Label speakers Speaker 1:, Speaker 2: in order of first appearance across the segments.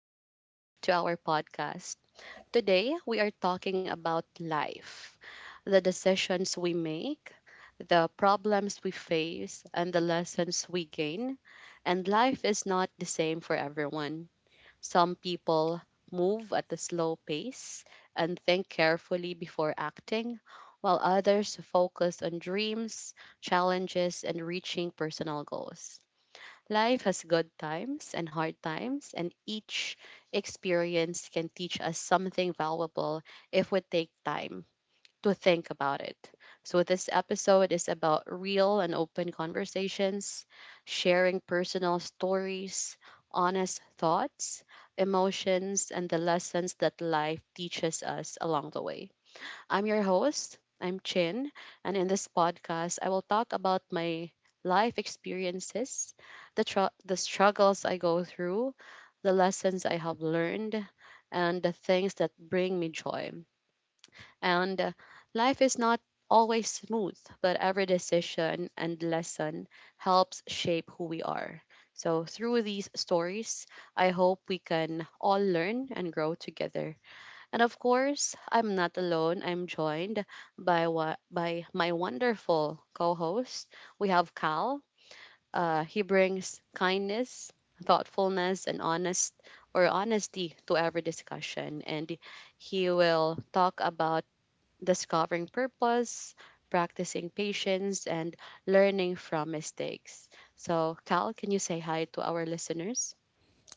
Speaker 1: welcome back to our podcast. Today, we are talking about life, the decisions we make, the problems we face, and the lessons we gain. And life is not the same for everyone. Some people move at a slow pace and think carefully before acting, while others focus on dreams, challenges, and reaching personal goals. Life has good times and hard times, and each experience can teach us something valuable if we take time to think about it. So, this episode is about real and open conversations, sharing personal stories, honest thoughts, emotions, and the lessons that life teaches us along the way. I'm your host. I'm Chin, and in this podcast, I will talk about my life experiences, the struggles I go through, the lessons I have learned, and the things that bring me joy. And Life is not always smooth, but every decision and lesson helps shape who we are. So, through these stories, I hope we can all learn and grow together. And of course, I'm not alone. I'm joined by my wonderful co-host. We have Cal. He brings kindness, thoughtfulness, and honest or honesty to every discussion, and he will talk about discovering purpose, practicing patience, and learning from mistakes. So, Cal, can you say hi to our listeners?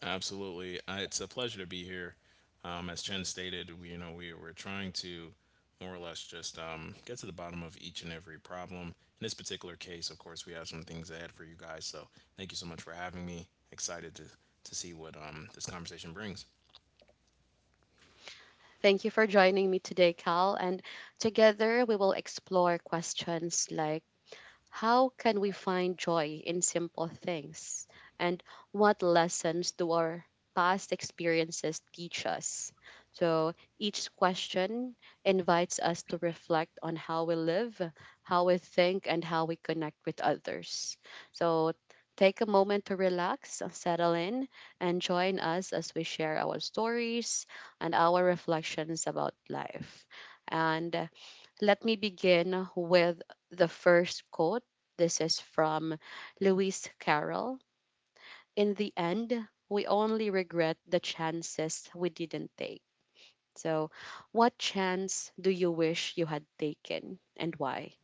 Speaker 2: Absolutely. It's a pleasure to be here. As Chen stated, we we were trying to more or less just get to the bottom of each and every problem. In this particular case, of course, we have some things ahead for you guys. So thank you so much for having me. Excited to see what this conversation brings.
Speaker 1: Thank you for joining me today, Cal. And together we will explore questions like how can we find joy in simple things? And what lessons do our past experiences teach us? So each question invites us to reflect on how we live, how we think, and how we connect with others. So take a moment to relax, settle in, and join us as we share our stories and our reflections about life. And let me begin with the first quote. This is from Lewis Carroll. In the end, we only regret the chances we didn't take. So, what chance do you wish you had taken and why?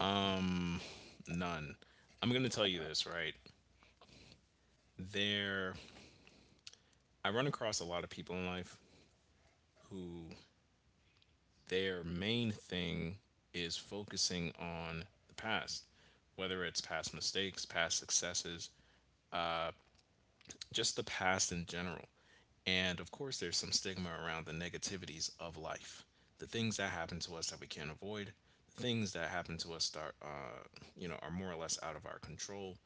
Speaker 2: Um, None. I'm going to tell you this, right? There, I run across a lot of people in life who their main thing is focusing on the past, whether it's past mistakes, past successes, just the past in general. And of course, there's some stigma around the negativities of life, the things that happen to us that we can't avoid, the things that happen to us that are more or less out of our control,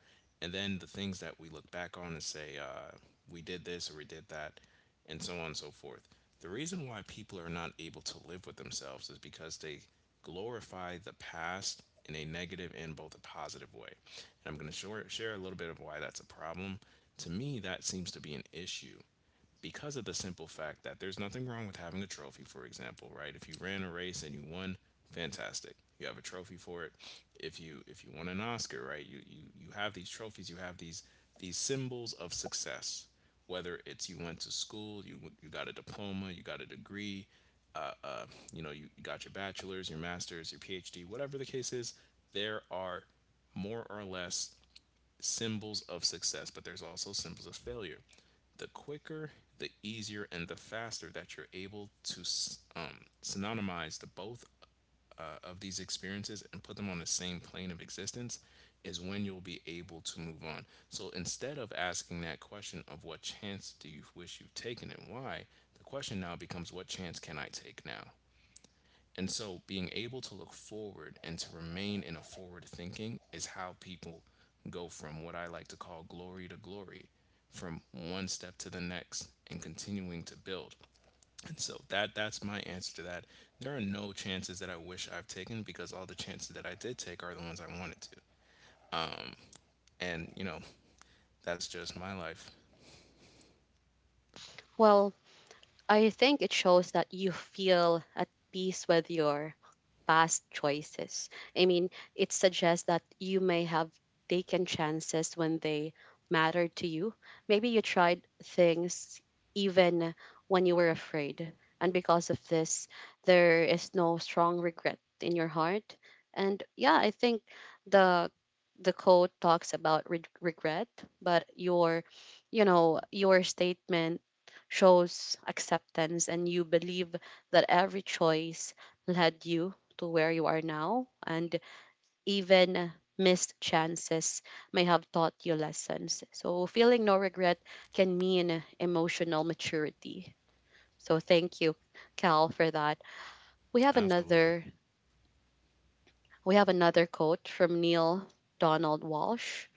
Speaker 2: and then the things that we look back on and say, we did this or we did that, and so on and so forth. The reason why people are not able to live with themselves is because they glorify the past in a negative and both a positive way. And I'm going to share a little bit of why that's a problem. To me, that seems to be an issue because of the simple fact that there's nothing wrong with having a trophy, for example, right? If you ran a race and you won, fantastic. You have a trophy for it. If you won an Oscar, right? You have these trophies, you have these symbols of success. Whether it's you went to school, you got a diploma, you got a degree, uh, uh, you got your bachelor's, your master's, your PhD, whatever the case is, there are more or less symbols of success, but there's also symbols of failure. The quicker, the easier, and the faster that you're able to synonymize the both of these experiences and put them on the same plane of existence is when you'll be able to move on. So instead of asking that question of what chance do you wish you've taken and why, the question now becomes what chance can I take now? And so being able to look forward and to remain in a forward thinking is how people go from what I like to call glory to glory, from one step to the next and continuing to build. And so that's my answer to that. There are no chances that I wish I've taken because all the chances that I did take are the ones I wanted to. And you know, that's just my life.
Speaker 1: Well, I think it shows that you feel at peace with your past choices. I mean, it suggests that you may have taken chances when they mattered to you. Maybe you tried things even when you were afraid. And because of this, there is no strong regret in your heart. And yeah, I think the the code talks about regret, but you know, your statement shows acceptance, and you believe that every choice led you to where you are now, and even missed chances may have taught you lessons. So feeling no regret can mean emotional maturity. So thank you, Cal, for that. we have
Speaker 2: Absolutely.
Speaker 1: another We have another quote from Neil Donald Walsh.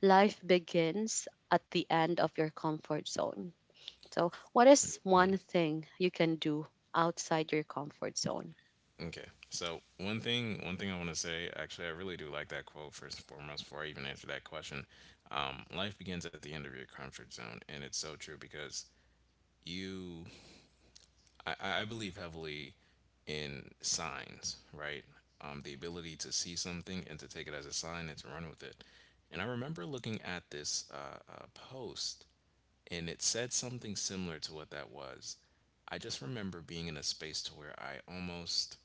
Speaker 1: Life begins at the end of your comfort zone. So, what is one thing you can do outside your comfort zone?
Speaker 2: Okay. So one thing I want to say, actually, I really do like that quote first and foremost. Before I even answer that question, life begins at the end of your comfort zone, and it's so true because you, I believe heavily in signs, right? The ability to see something and to take it as a sign and to run with it. And I remember looking at this post, and it said something similar to what that was. I just remember being in a space to where I almost,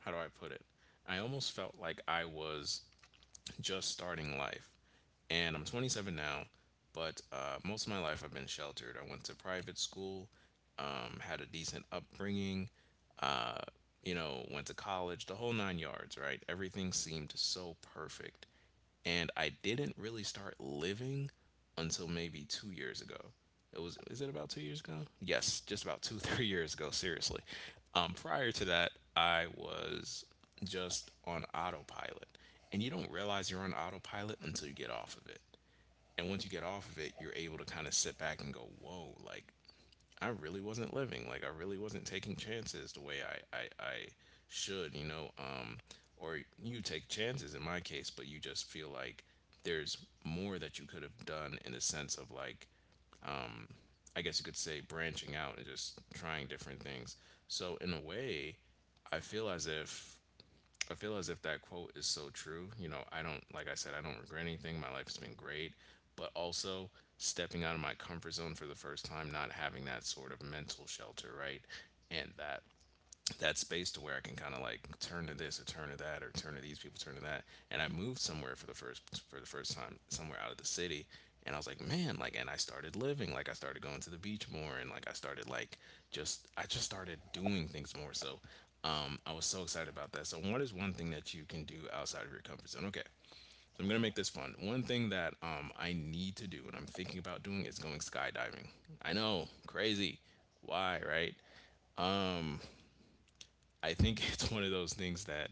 Speaker 2: how do I put it? I almost felt like I was just starting life. And I'm 27 now, but most of my life I've been sheltered. I went to private school, had a decent upbringing, uh, went to college, the whole nine yards, right? Everything seemed so perfect. And I didn't really start living until maybe 2 years ago. It was, is it about 2 years ago? Yes, just about two 3 years ago. Seriously, prior to that, I was just on autopilot, and you don't realize you're on autopilot until you get off of it. And once you get off of it, you're able to kind of sit back and go, "Whoa!" Like I really wasn't living. Like I really wasn't taking chances the way I should, you know. Or you take chances in my case, but you just feel like there's more that you could have done in the sense of like I guess you could say branching out and just trying different things. So in a way, I feel as if I feel as if that quote is so true. You know, I don't, like I said, I don't regret anything. My life has been great. But also, stepping out of my comfort zone for the first time, not having that sort of mental shelter, right? And that space to where I can kind of like turn to this or turn to that or turn to these people, turn to that. And I moved somewhere for the first time, somewhere out of the city. And I was like, man, like, and I started living, like, I started going to the beach more, and like, I started like just, I just started doing things more. So, I was so excited about that. So, what is one thing that you can do outside of your comfort zone? Okay, so I'm gonna make this fun. One thing that I need to do and I'm thinking about doing is going skydiving. I know, crazy. Why, right? I think it's one of those things that,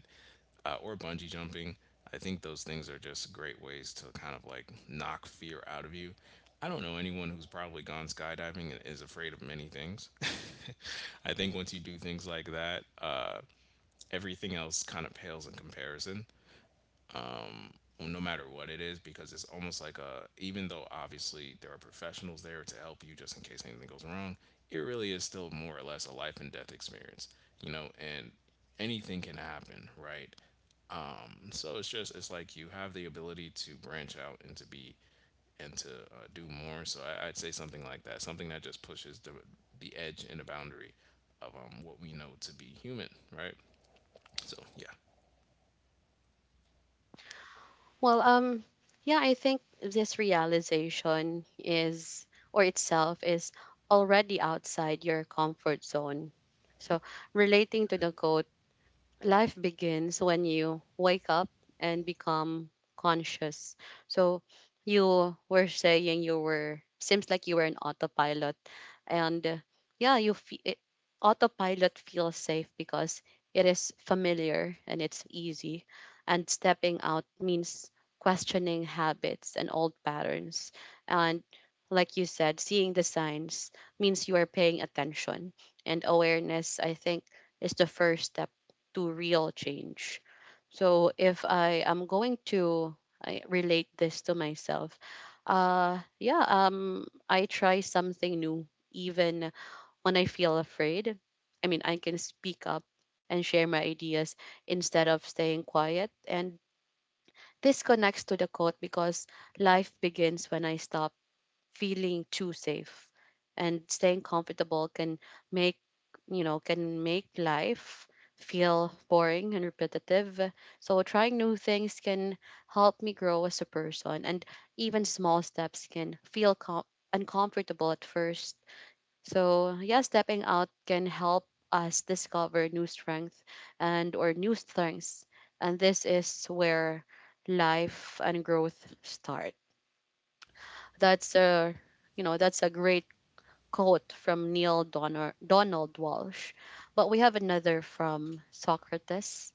Speaker 2: or bungee jumping, I think those things are just great ways to kind of like knock fear out of you. I don't know anyone who's probably gone skydiving and is afraid of many things. I think once you do things like that, everything else kind of pales in comparison no matter what it is, because it's almost like a, even though obviously there are professionals there to help you just in case anything goes wrong, it really is still more or less a life and death experience, you know. And anything can happen, right? So it's just, it's like you have the ability to branch out and to be and to do more. So I'd say something like that, something that just pushes the edge and the boundary of what we know to be human, right? So yeah.
Speaker 1: Well, um, yeah, I think this realization, or itself is already outside your comfort zone. So, relating to the quote, life begins when you wake up and become conscious. So, you were saying you were, seems like you were an autopilot, and yeah you fe- it, autopilot feels safe because it is familiar and it's easy, and stepping out means questioning habits and old patterns. And, like you said, seeing the signs means you are paying attention, and awareness, I think, is the first step to real change. So if I am going to I relate this to myself. Yeah I try something new even when I feel afraid. I mean, I can speak up and share my ideas instead of staying quiet. And this connects to the quote because life begins when I stop feeling too safe. And staying comfortable can make, you know, can make life feel boring and repetitive. So trying new things can help me grow as a person. And even small steps can feel uncomfortable at first. So, yeah, stepping out can help us discover new strength, and or new strengths. And this is where life and growth start. That's a, you know, that's a great quote from Donald Walsh. But we have another from Socrates.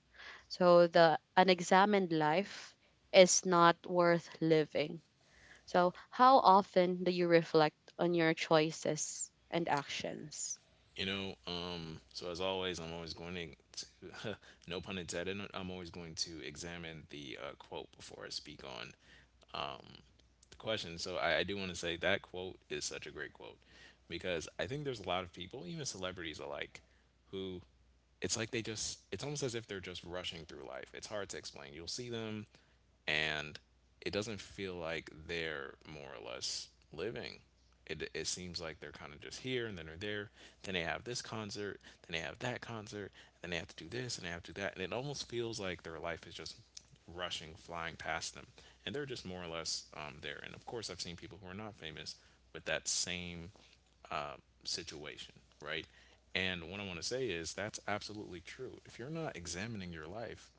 Speaker 1: So, the unexamined life is not worth living. So, how often do you reflect on your choices and actions?
Speaker 2: You know, so as always, I'm always going to no pun intended, I'm always going to examine the quote before I speak on um the question. So I do want to say that quote is such a great quote because I think there's a lot of people, even celebrities alike, who, it's like they just, it's almost as if they're just rushing through life. It's hard to explain. You'll see them and it doesn't feel like they're more or less living. It seems like they're kind of just here and then they're there. Then they have this concert, then they have that concert, and then they have to do this and they have to do that. And it almost feels like their life is just rushing, flying past them. And they're just more or less there. And of course, I've seen people who are not famous with that same situation, right? And what I want to say is that's absolutely true. If you're not examining your life,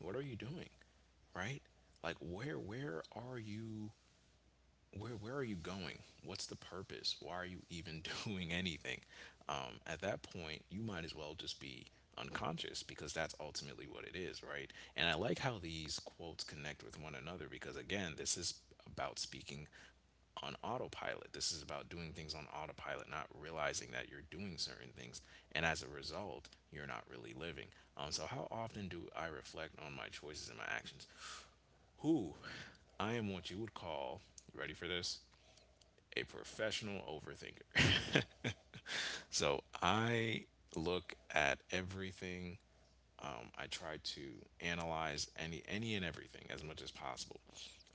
Speaker 2: what are you doing? Right? Like where are you, where are you going? What's the purpose? Why are you even doing anything? At that point, you might as well just be unconscious, because that's ultimately what it is, right? And I like how these quotes connect with one another because again, this is about speaking on autopilot. This is about doing things on autopilot, not realizing that you're doing certain things, and as a result, you're not really living. So how often do I reflect on my choices and my actions? Who, I am what you would call, you ready for this? A professional overthinker. So I look at everything. I try to analyze any and everything as much as possible.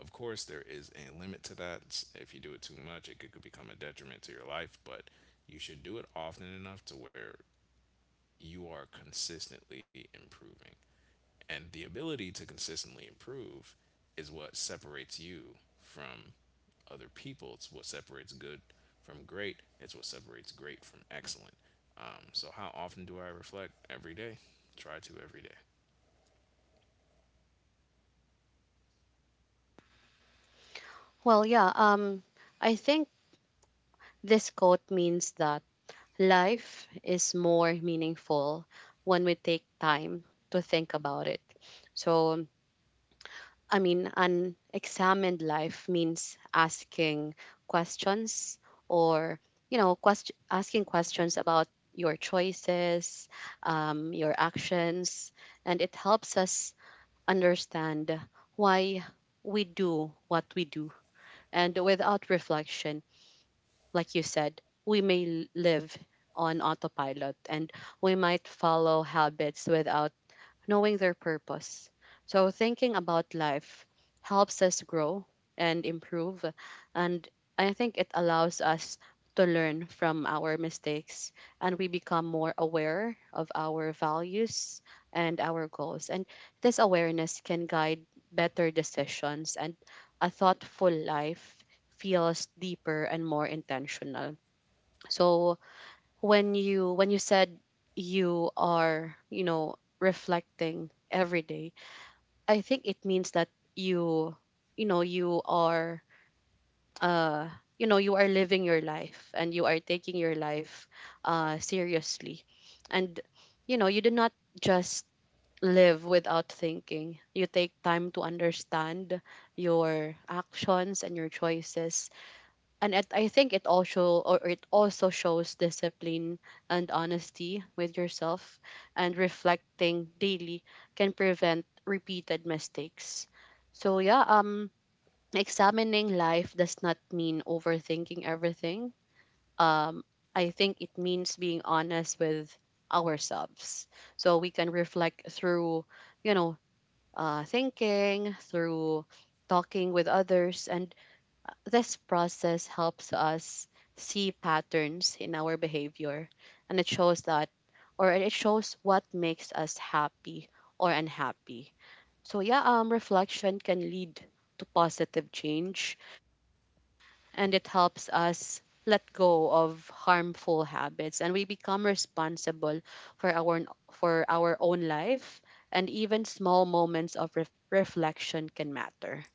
Speaker 2: Of course, there is a limit to that. If you do it too much, it could become a detriment to your life. But you should do it often enough to where you are consistently improving. And the ability to consistently improve is what separates you from other people. It's what separates good from great. It's what separates great from excellent. So how often do I reflect? Every day. Try to every day.
Speaker 1: Well, yeah, um, I think this quote means that life is more meaningful when we take time to think about it. So, I mean, an examined life means asking questions, or, you know, asking questions about your choices, your actions, and it helps us understand why we do what we do. And without reflection, like you said, we may live on autopilot, and we might follow habits without knowing their purpose. So, thinking about life helps us grow and improve. And I think it allows us to learn from our mistakes, and we become more aware of our values and our goals. And this awareness can guide better decisions, and a thoughtful life feels deeper and more intentional. So, when you said you are, you know, reflecting every day, I think it means that you you know you are uh you know, you are living your life, and you are taking your life seriously, and you know, you do not just live without thinking. You take time to understand your actions and your choices. And it, I think it also or it also shows discipline and honesty with yourself, and reflecting daily can prevent repeated mistakes. So yeah, um, examining life does not mean overthinking everything. Um, I think it means being honest with ourselves. So we can reflect through, you know, uh, thinking, through talking with others, and this process helps us see patterns in our behavior, and it shows that or it shows what makes us happy or unhappy. So yeah, um, reflection can lead to positive change, and it helps us let go of harmful habits, and we become responsible for our for our own life. And even small moments of reflection can matter.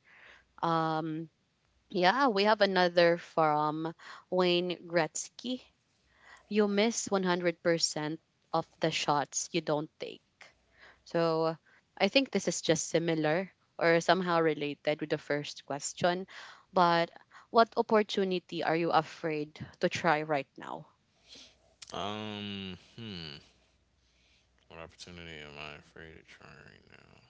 Speaker 1: Um, yeah, we have another from Wayne Gretzky. You miss 100% of the shots you don't take. So I think this is just similar or somehow related with the first question. But what opportunity are you afraid to try right now?
Speaker 2: Hmm. What opportunity am I afraid of trying right now?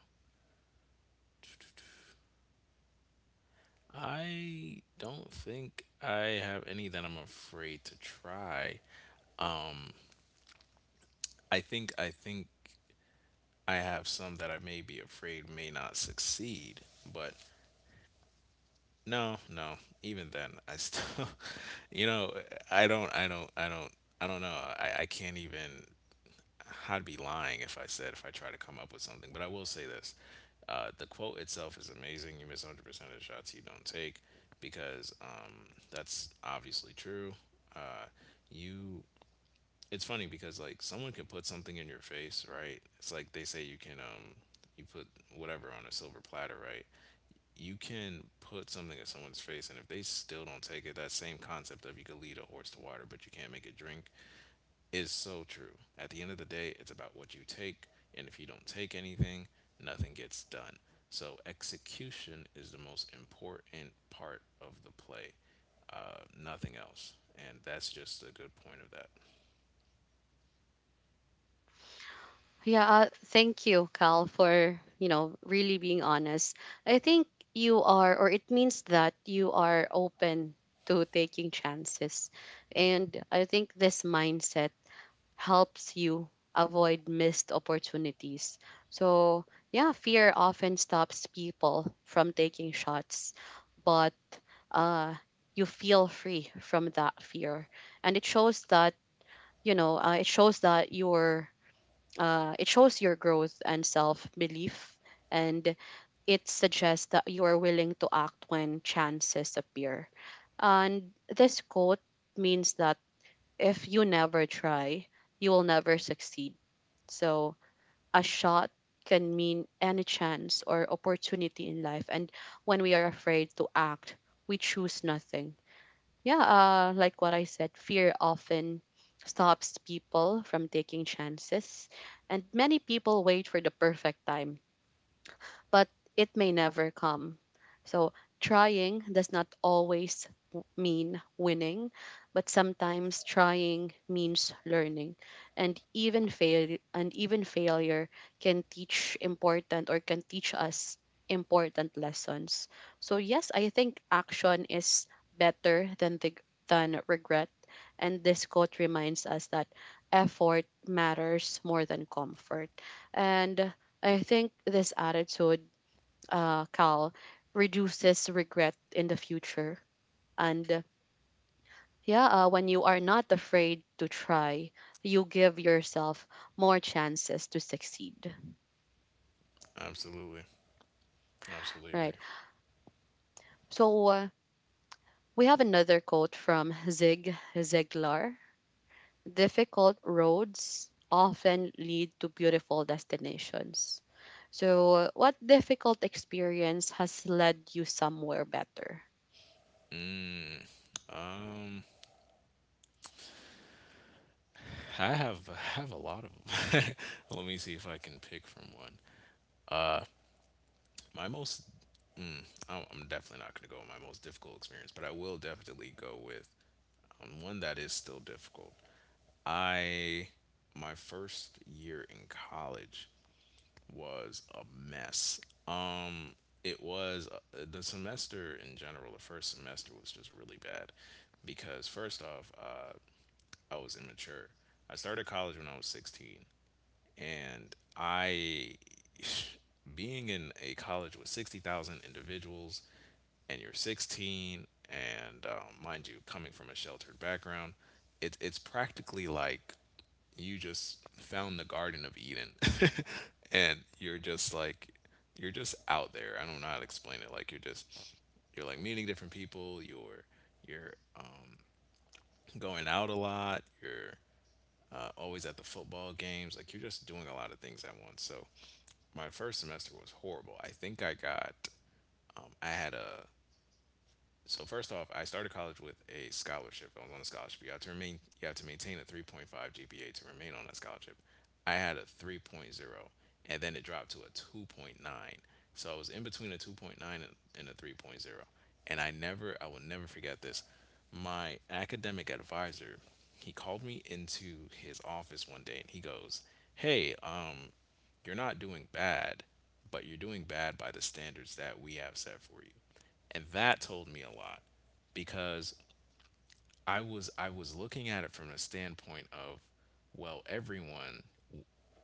Speaker 2: I don't think I have any that I'm afraid to try. I think I have some that I may be afraid may not succeed, but no, no. Even then, I still, you know, I don't, I don't, I don't, I don't know. I can't even. I'd be lying if I said if I try to come up with something. But I will say this: the quote itself is amazing. You miss 100% of the shots you don't take because that's obviously true. Uh, you it's funny because someone can put something in your face, right? It's like they say you put whatever on a silver platter, right? You can put something in someone's face, and if they still don't take it, that same concept of you can lead a horse to water but you can't make it drink is so true. At the end of the day, it's about what you take, and if you don't take anything, nothing gets done. So execution is the most important part of the play. Nothing else. And that's just a good point of that.
Speaker 1: Yeah, thank you, Cal, for, you know, really being honest. I think you are, or it means that you are open to taking chances, and I think this mindset helps you avoid missed opportunities. So yeah, fear often stops people from taking shots, but uh, you feel free from that fear, and it shows that you know it shows that you're it shows your growth and self belief, and it suggests that you are willing to act when chances appear. And this quote means that if you never try, you will never succeed. So, a shot can mean any chance or opportunity in life. And when we are afraid to act, we choose nothing. Yeah, like what I said, fear often stops people from taking chances, and many people wait for the perfect time, but it may never come. So trying does not always mean winning, but sometimes trying means learning. And even failure can teach important or can teach us important lessons. So yes, I think action is better than than regret. And this quote reminds us that effort matters more than comfort. And I think this attitude, Cal, reduces regret in the future. And yeah, when you are not afraid to try, you give yourself more chances to succeed,
Speaker 2: Absolutely. Absolutely agree.
Speaker 1: right? So we have another quote from Zig Ziglar. Difficult roads often lead to beautiful destinations. So, what difficult experience has led you somewhere better?
Speaker 2: Um, I have a lot of them. Let me see if I can pick from one. My most, mm, I- I'm definitely not going to go with my most difficult experience, but I will definitely go with one that is still difficult. I My first year in college was a mess. Um, it was The semester in general. The first semester was just really bad because first off, I was immature. I started college when I was 16, and I, being in a college with 60,000 individuals, and you're 16, and mind you, coming from a sheltered background, it's practically like you just found the Garden of Eden, and you're just like, you're just out there. I don't know how to explain it. Like you're just, you're like meeting different people. You're um, going out a lot. You're always at the football games. Like you're just doing a lot of things at once. So my first semester was horrible. I think I got, I had a So first off, I started college with a scholarship. I was on a scholarship. You have to remain. You have to maintain a 3.5 GPA to remain on that scholarship. I had a three point zero, and then it dropped to a 2.9. So I was in between a 2.9 and a three point zero, and I will never forget this. My academic advisor, he called me into his office one day, and he goes, "Hey, you're not doing bad, but you're doing bad by the standards that we have set for you." And that told me a lot because I was looking at it from the standpoint of, well, everyone,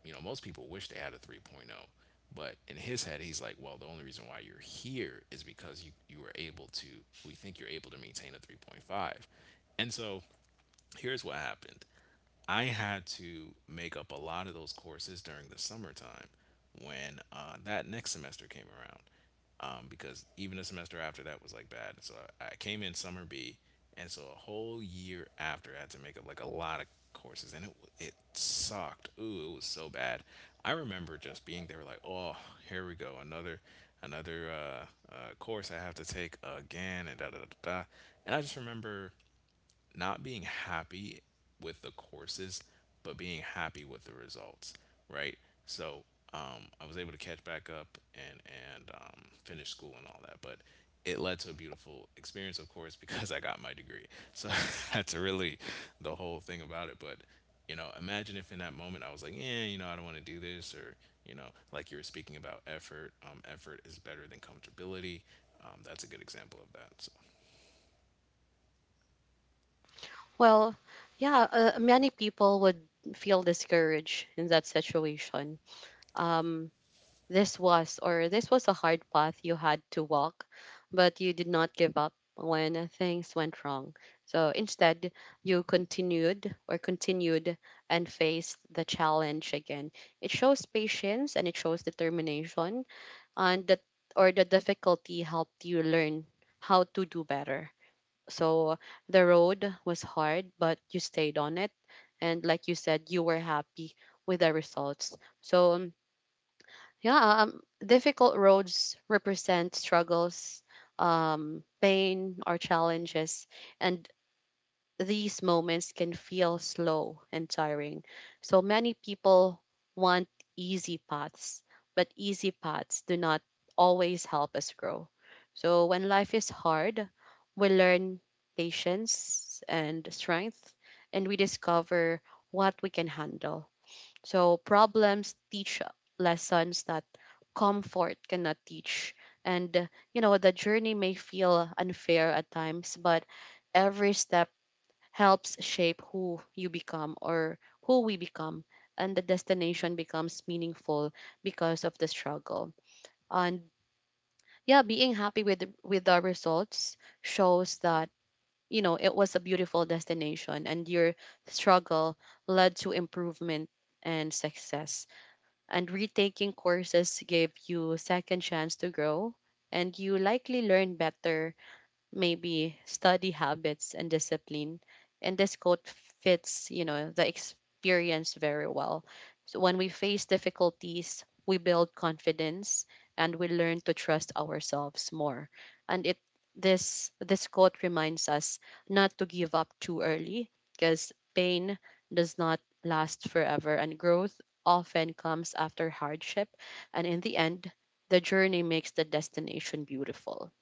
Speaker 2: you know, most people wish they had a 3.0, point oh, but in his head he's like, well, the only reason why you're here is because you were able to, we think you're able to maintain a 3.5. And so here's what happened. I had to make up a lot of those courses during the summertime when that next semester came around. Because even the semester after that was like bad. So I came in summer B, and so a whole year after I had to make up like a lot of courses, and it sucked. Ooh, it was so bad. I remember just being there like, "Oh, here we go, another course I have to take again, and da da da da da." And I just remember not being happy with the courses, but being happy with the results, right? So I was able to catch back up and finish school and all that, but it led to a beautiful experience, of course, because I got my degree. So that's really the whole thing about it. But you know, imagine if in that moment I was like, yeah, you know, I don't want to do this, or you know, like you were speaking about effort. Effort is better than comfortability. That's a good example of that. So.
Speaker 1: Well, yeah, many people would feel discouraged in that situation. Um, this was a hard path you had to walk, but you did not give up when things went wrong. So instead, you continued and faced the challenge again. It shows patience and it shows determination, and that or the difficulty helped you learn how to do better. So the road was hard, but you stayed on it. And like you said, you were happy with the results. So yeah, difficult roads represent struggles, pain, or challenges. And these moments can feel slow and tiring. So many people want easy paths, but easy paths do not always help us grow. So when life is hard, we learn patience and strength, and we discover what we can handle. So problems teach lessons that comfort cannot teach. And, you know, the journey may feel unfair at times, but every step helps shape who you become, or who we become, and the destination becomes meaningful because of the struggle. And yeah, being happy with the results shows that, you know, it was a beautiful destination and your struggle led to improvement and success, and retaking courses gave you second chance to grow, and you likely learn better, maybe study habits and discipline. And this quote fits, you know, the experience very well. So when we face difficulties, we build confidence and we learn to trust ourselves more. And it this this quote reminds us not to give up too early because pain does not last forever and growth often comes after hardship, and in the end the journey makes the destination beautiful.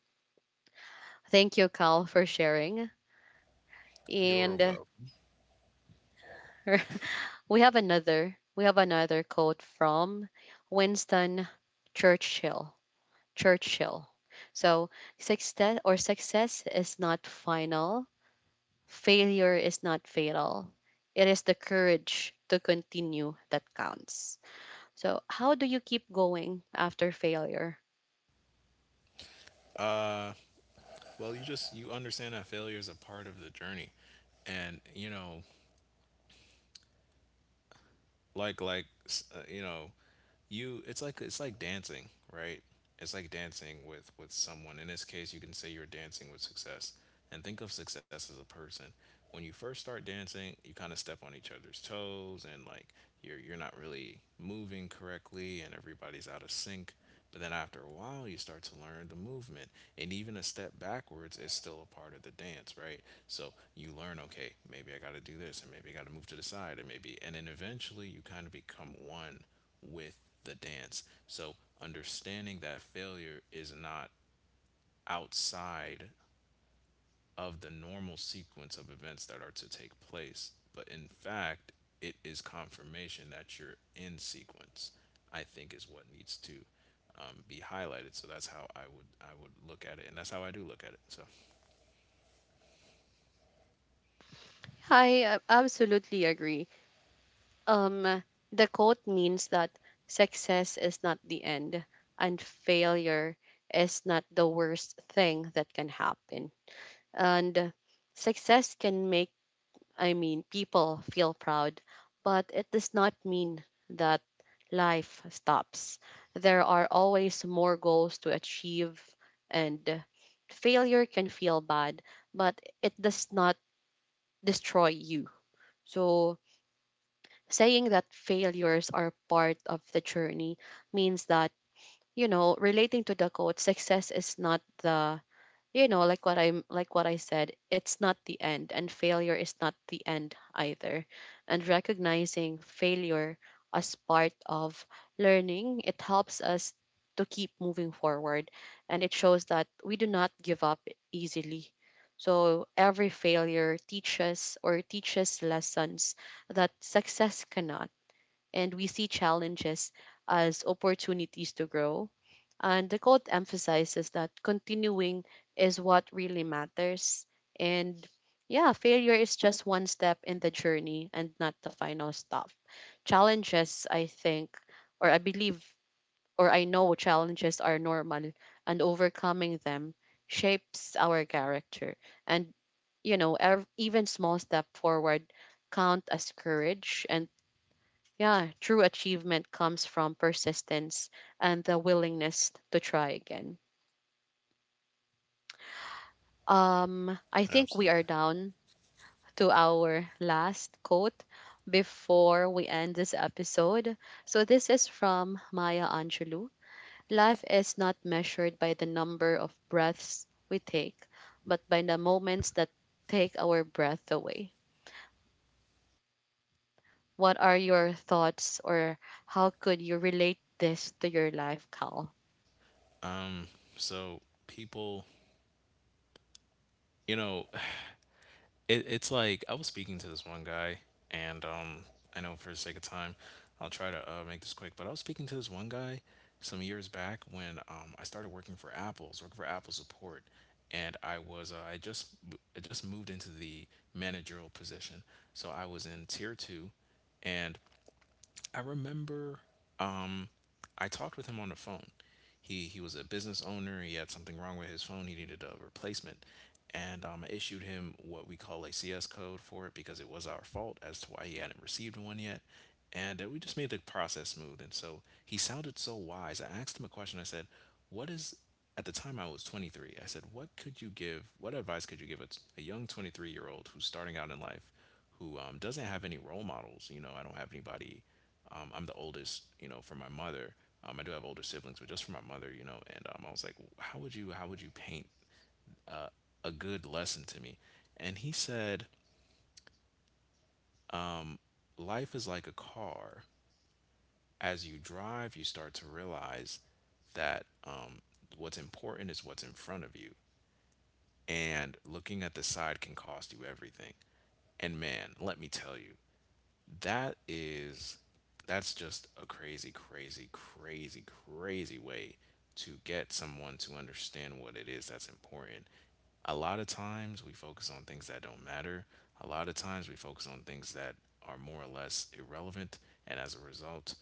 Speaker 1: Thank you, Cal, for sharing.
Speaker 2: You're
Speaker 1: And
Speaker 2: welcome.
Speaker 1: We have another quote from Winston Churchill. Churchill. So success is not final. Failure is not fatal. It is the courage to continue that counts. So how do you keep going after failure?
Speaker 2: Uh, well, you just, you understand that failure is a part of the journey, and you know, you know, you it's like, it's like dancing, right? It's like dancing with someone. In this case, you can say you're dancing with success, and think of success as a person. When you first start dancing, you kind of step on each other's toes, and like you're not really moving correctly and everybody's out of sync. But then after a while, you start to learn the movement. And even a step backwards is still a part of the dance, right? So you learn, okay, maybe I got to do this, and maybe I got to move to the side, and maybe, and then eventually you kind of become one with the dance. So understanding that failure is not outside of the normal sequence of events that are to take place, but in fact, it is confirmation that you're in sequence, I think, is what needs to be highlighted. So that's how I would look at it, and that's how I do look at it. So.
Speaker 1: I absolutely agree. Um, the quote means that success is not the end and failure is not the worst thing that can happen. And success can make, I mean, people feel proud, but it does not mean that life stops. There are always more goals to achieve, and failure can feel bad, but it does not destroy you. So, saying that failures are part of the journey means that, you know, relating to the quote, success is not the, you know, like what I said, it's not the end and failure is not the end either. And recognizing failure as part of learning, it helps us to keep moving forward, and it shows that we do not give up easily. So every failure teaches or teaches lessons that success cannot, and we see challenges as opportunities to grow. And the quote emphasizes that continuing is what really matters. And yeah, failure is just one step in the journey and not the final stop. Challenges, I think, or I believe, or I know, challenges are normal and overcoming them shapes our character. And, you know, even small step forward count as courage, and yeah, true achievement comes from persistence and the willingness to try again. I think we are
Speaker 2: Absolutely.
Speaker 1: down to our last quote before we end this episode. So this is from Maya Angelou. Life is not measured by the number of breaths we take, but by the moments that take our breath away. What are your thoughts, or how could you relate this to your life, Cal?
Speaker 2: Um. So people, you know, it's like I was speaking to this one guy, and I know for the sake of time, I'll try to make this quick. But I was speaking to this one guy some years back when I started working for Apple. I was working for Apple support, and I just moved into the managerial position, so I was in tier two, and I remember, um, I talked with him on the phone. He was a business owner. He had something wrong with his phone. He needed a replacement, and I issued him what we call a CS code for it because it was our fault as to why he hadn't received one yet. And we just made the process smooth. And so he sounded so wise. I asked him a question. I said, "What is?" At the time, I was 23. I said, "What could you give? What advice could you give a, t- a young 23-year-old year old who's starting out in life, who doesn't have any role models? You know, I don't have anybody I'm the oldest, you know, for my mother. I do have older siblings, but just for my mother, you know." And I was like, "How would you, how would you paint a good lesson to me?" And he said, life is like a car. As you drive, you start to realize that what's important is what's in front of you, and looking at the side can cost you everything. And man, let me tell you, that is that's just a crazy way to get someone to understand what it is that's important. A lot of times we focus on things that don't matter. A lot of times we focus on things that are more or less irrelevant, and as a result,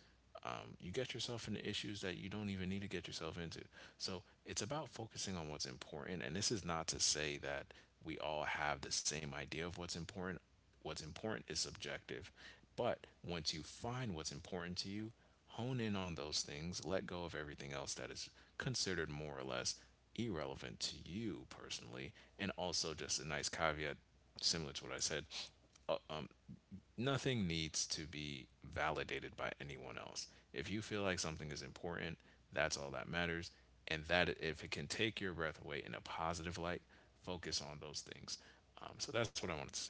Speaker 2: you get yourself into issues that you don't even need to get yourself into. So it's about focusing on what's important, and this is not to say that we all have the same idea of what's important. What's important is subjective. But once you find what's important to you, hone in on those things, let go of everything else that is considered more or less irrelevant to you personally. And also, just a nice caveat, similar to what I said, uh, uh, nothing needs to be validated by anyone else. If you feel like something is important, that's all that matters. And that if it can take your breath away in a positive light, focus on those things. So that's what I wanted to say.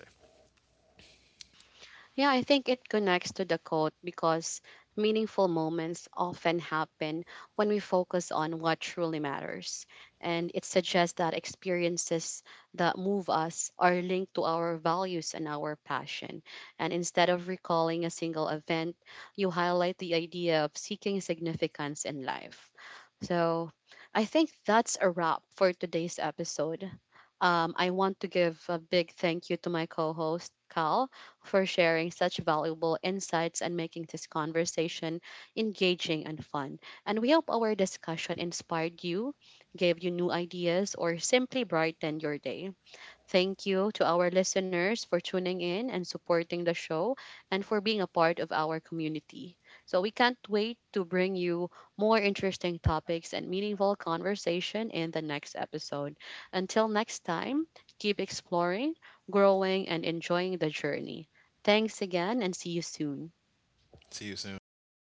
Speaker 1: Yeah, I think it connects to the quote because meaningful moments often happen when we focus on what truly matters. And it suggests that experiences that move us are linked to our values and our passion. And instead of recalling a single event, you highlight the idea of seeking significance in life. So I think that's a wrap for today's episode. I want to give a big thank you to my co host, Cal, for sharing such valuable insights and making this conversation engaging and fun. And we hope our discussion inspired you, gave you new ideas, or simply brightened your day. Thank you to our listeners for tuning in and supporting the show and for being a part of our community. So we can't wait to bring you more interesting topics and meaningful conversation in the next episode. Until next time, keep exploring, growing, and enjoying the journey. Thanks again and see you soon.
Speaker 2: See you soon. Bye, guys.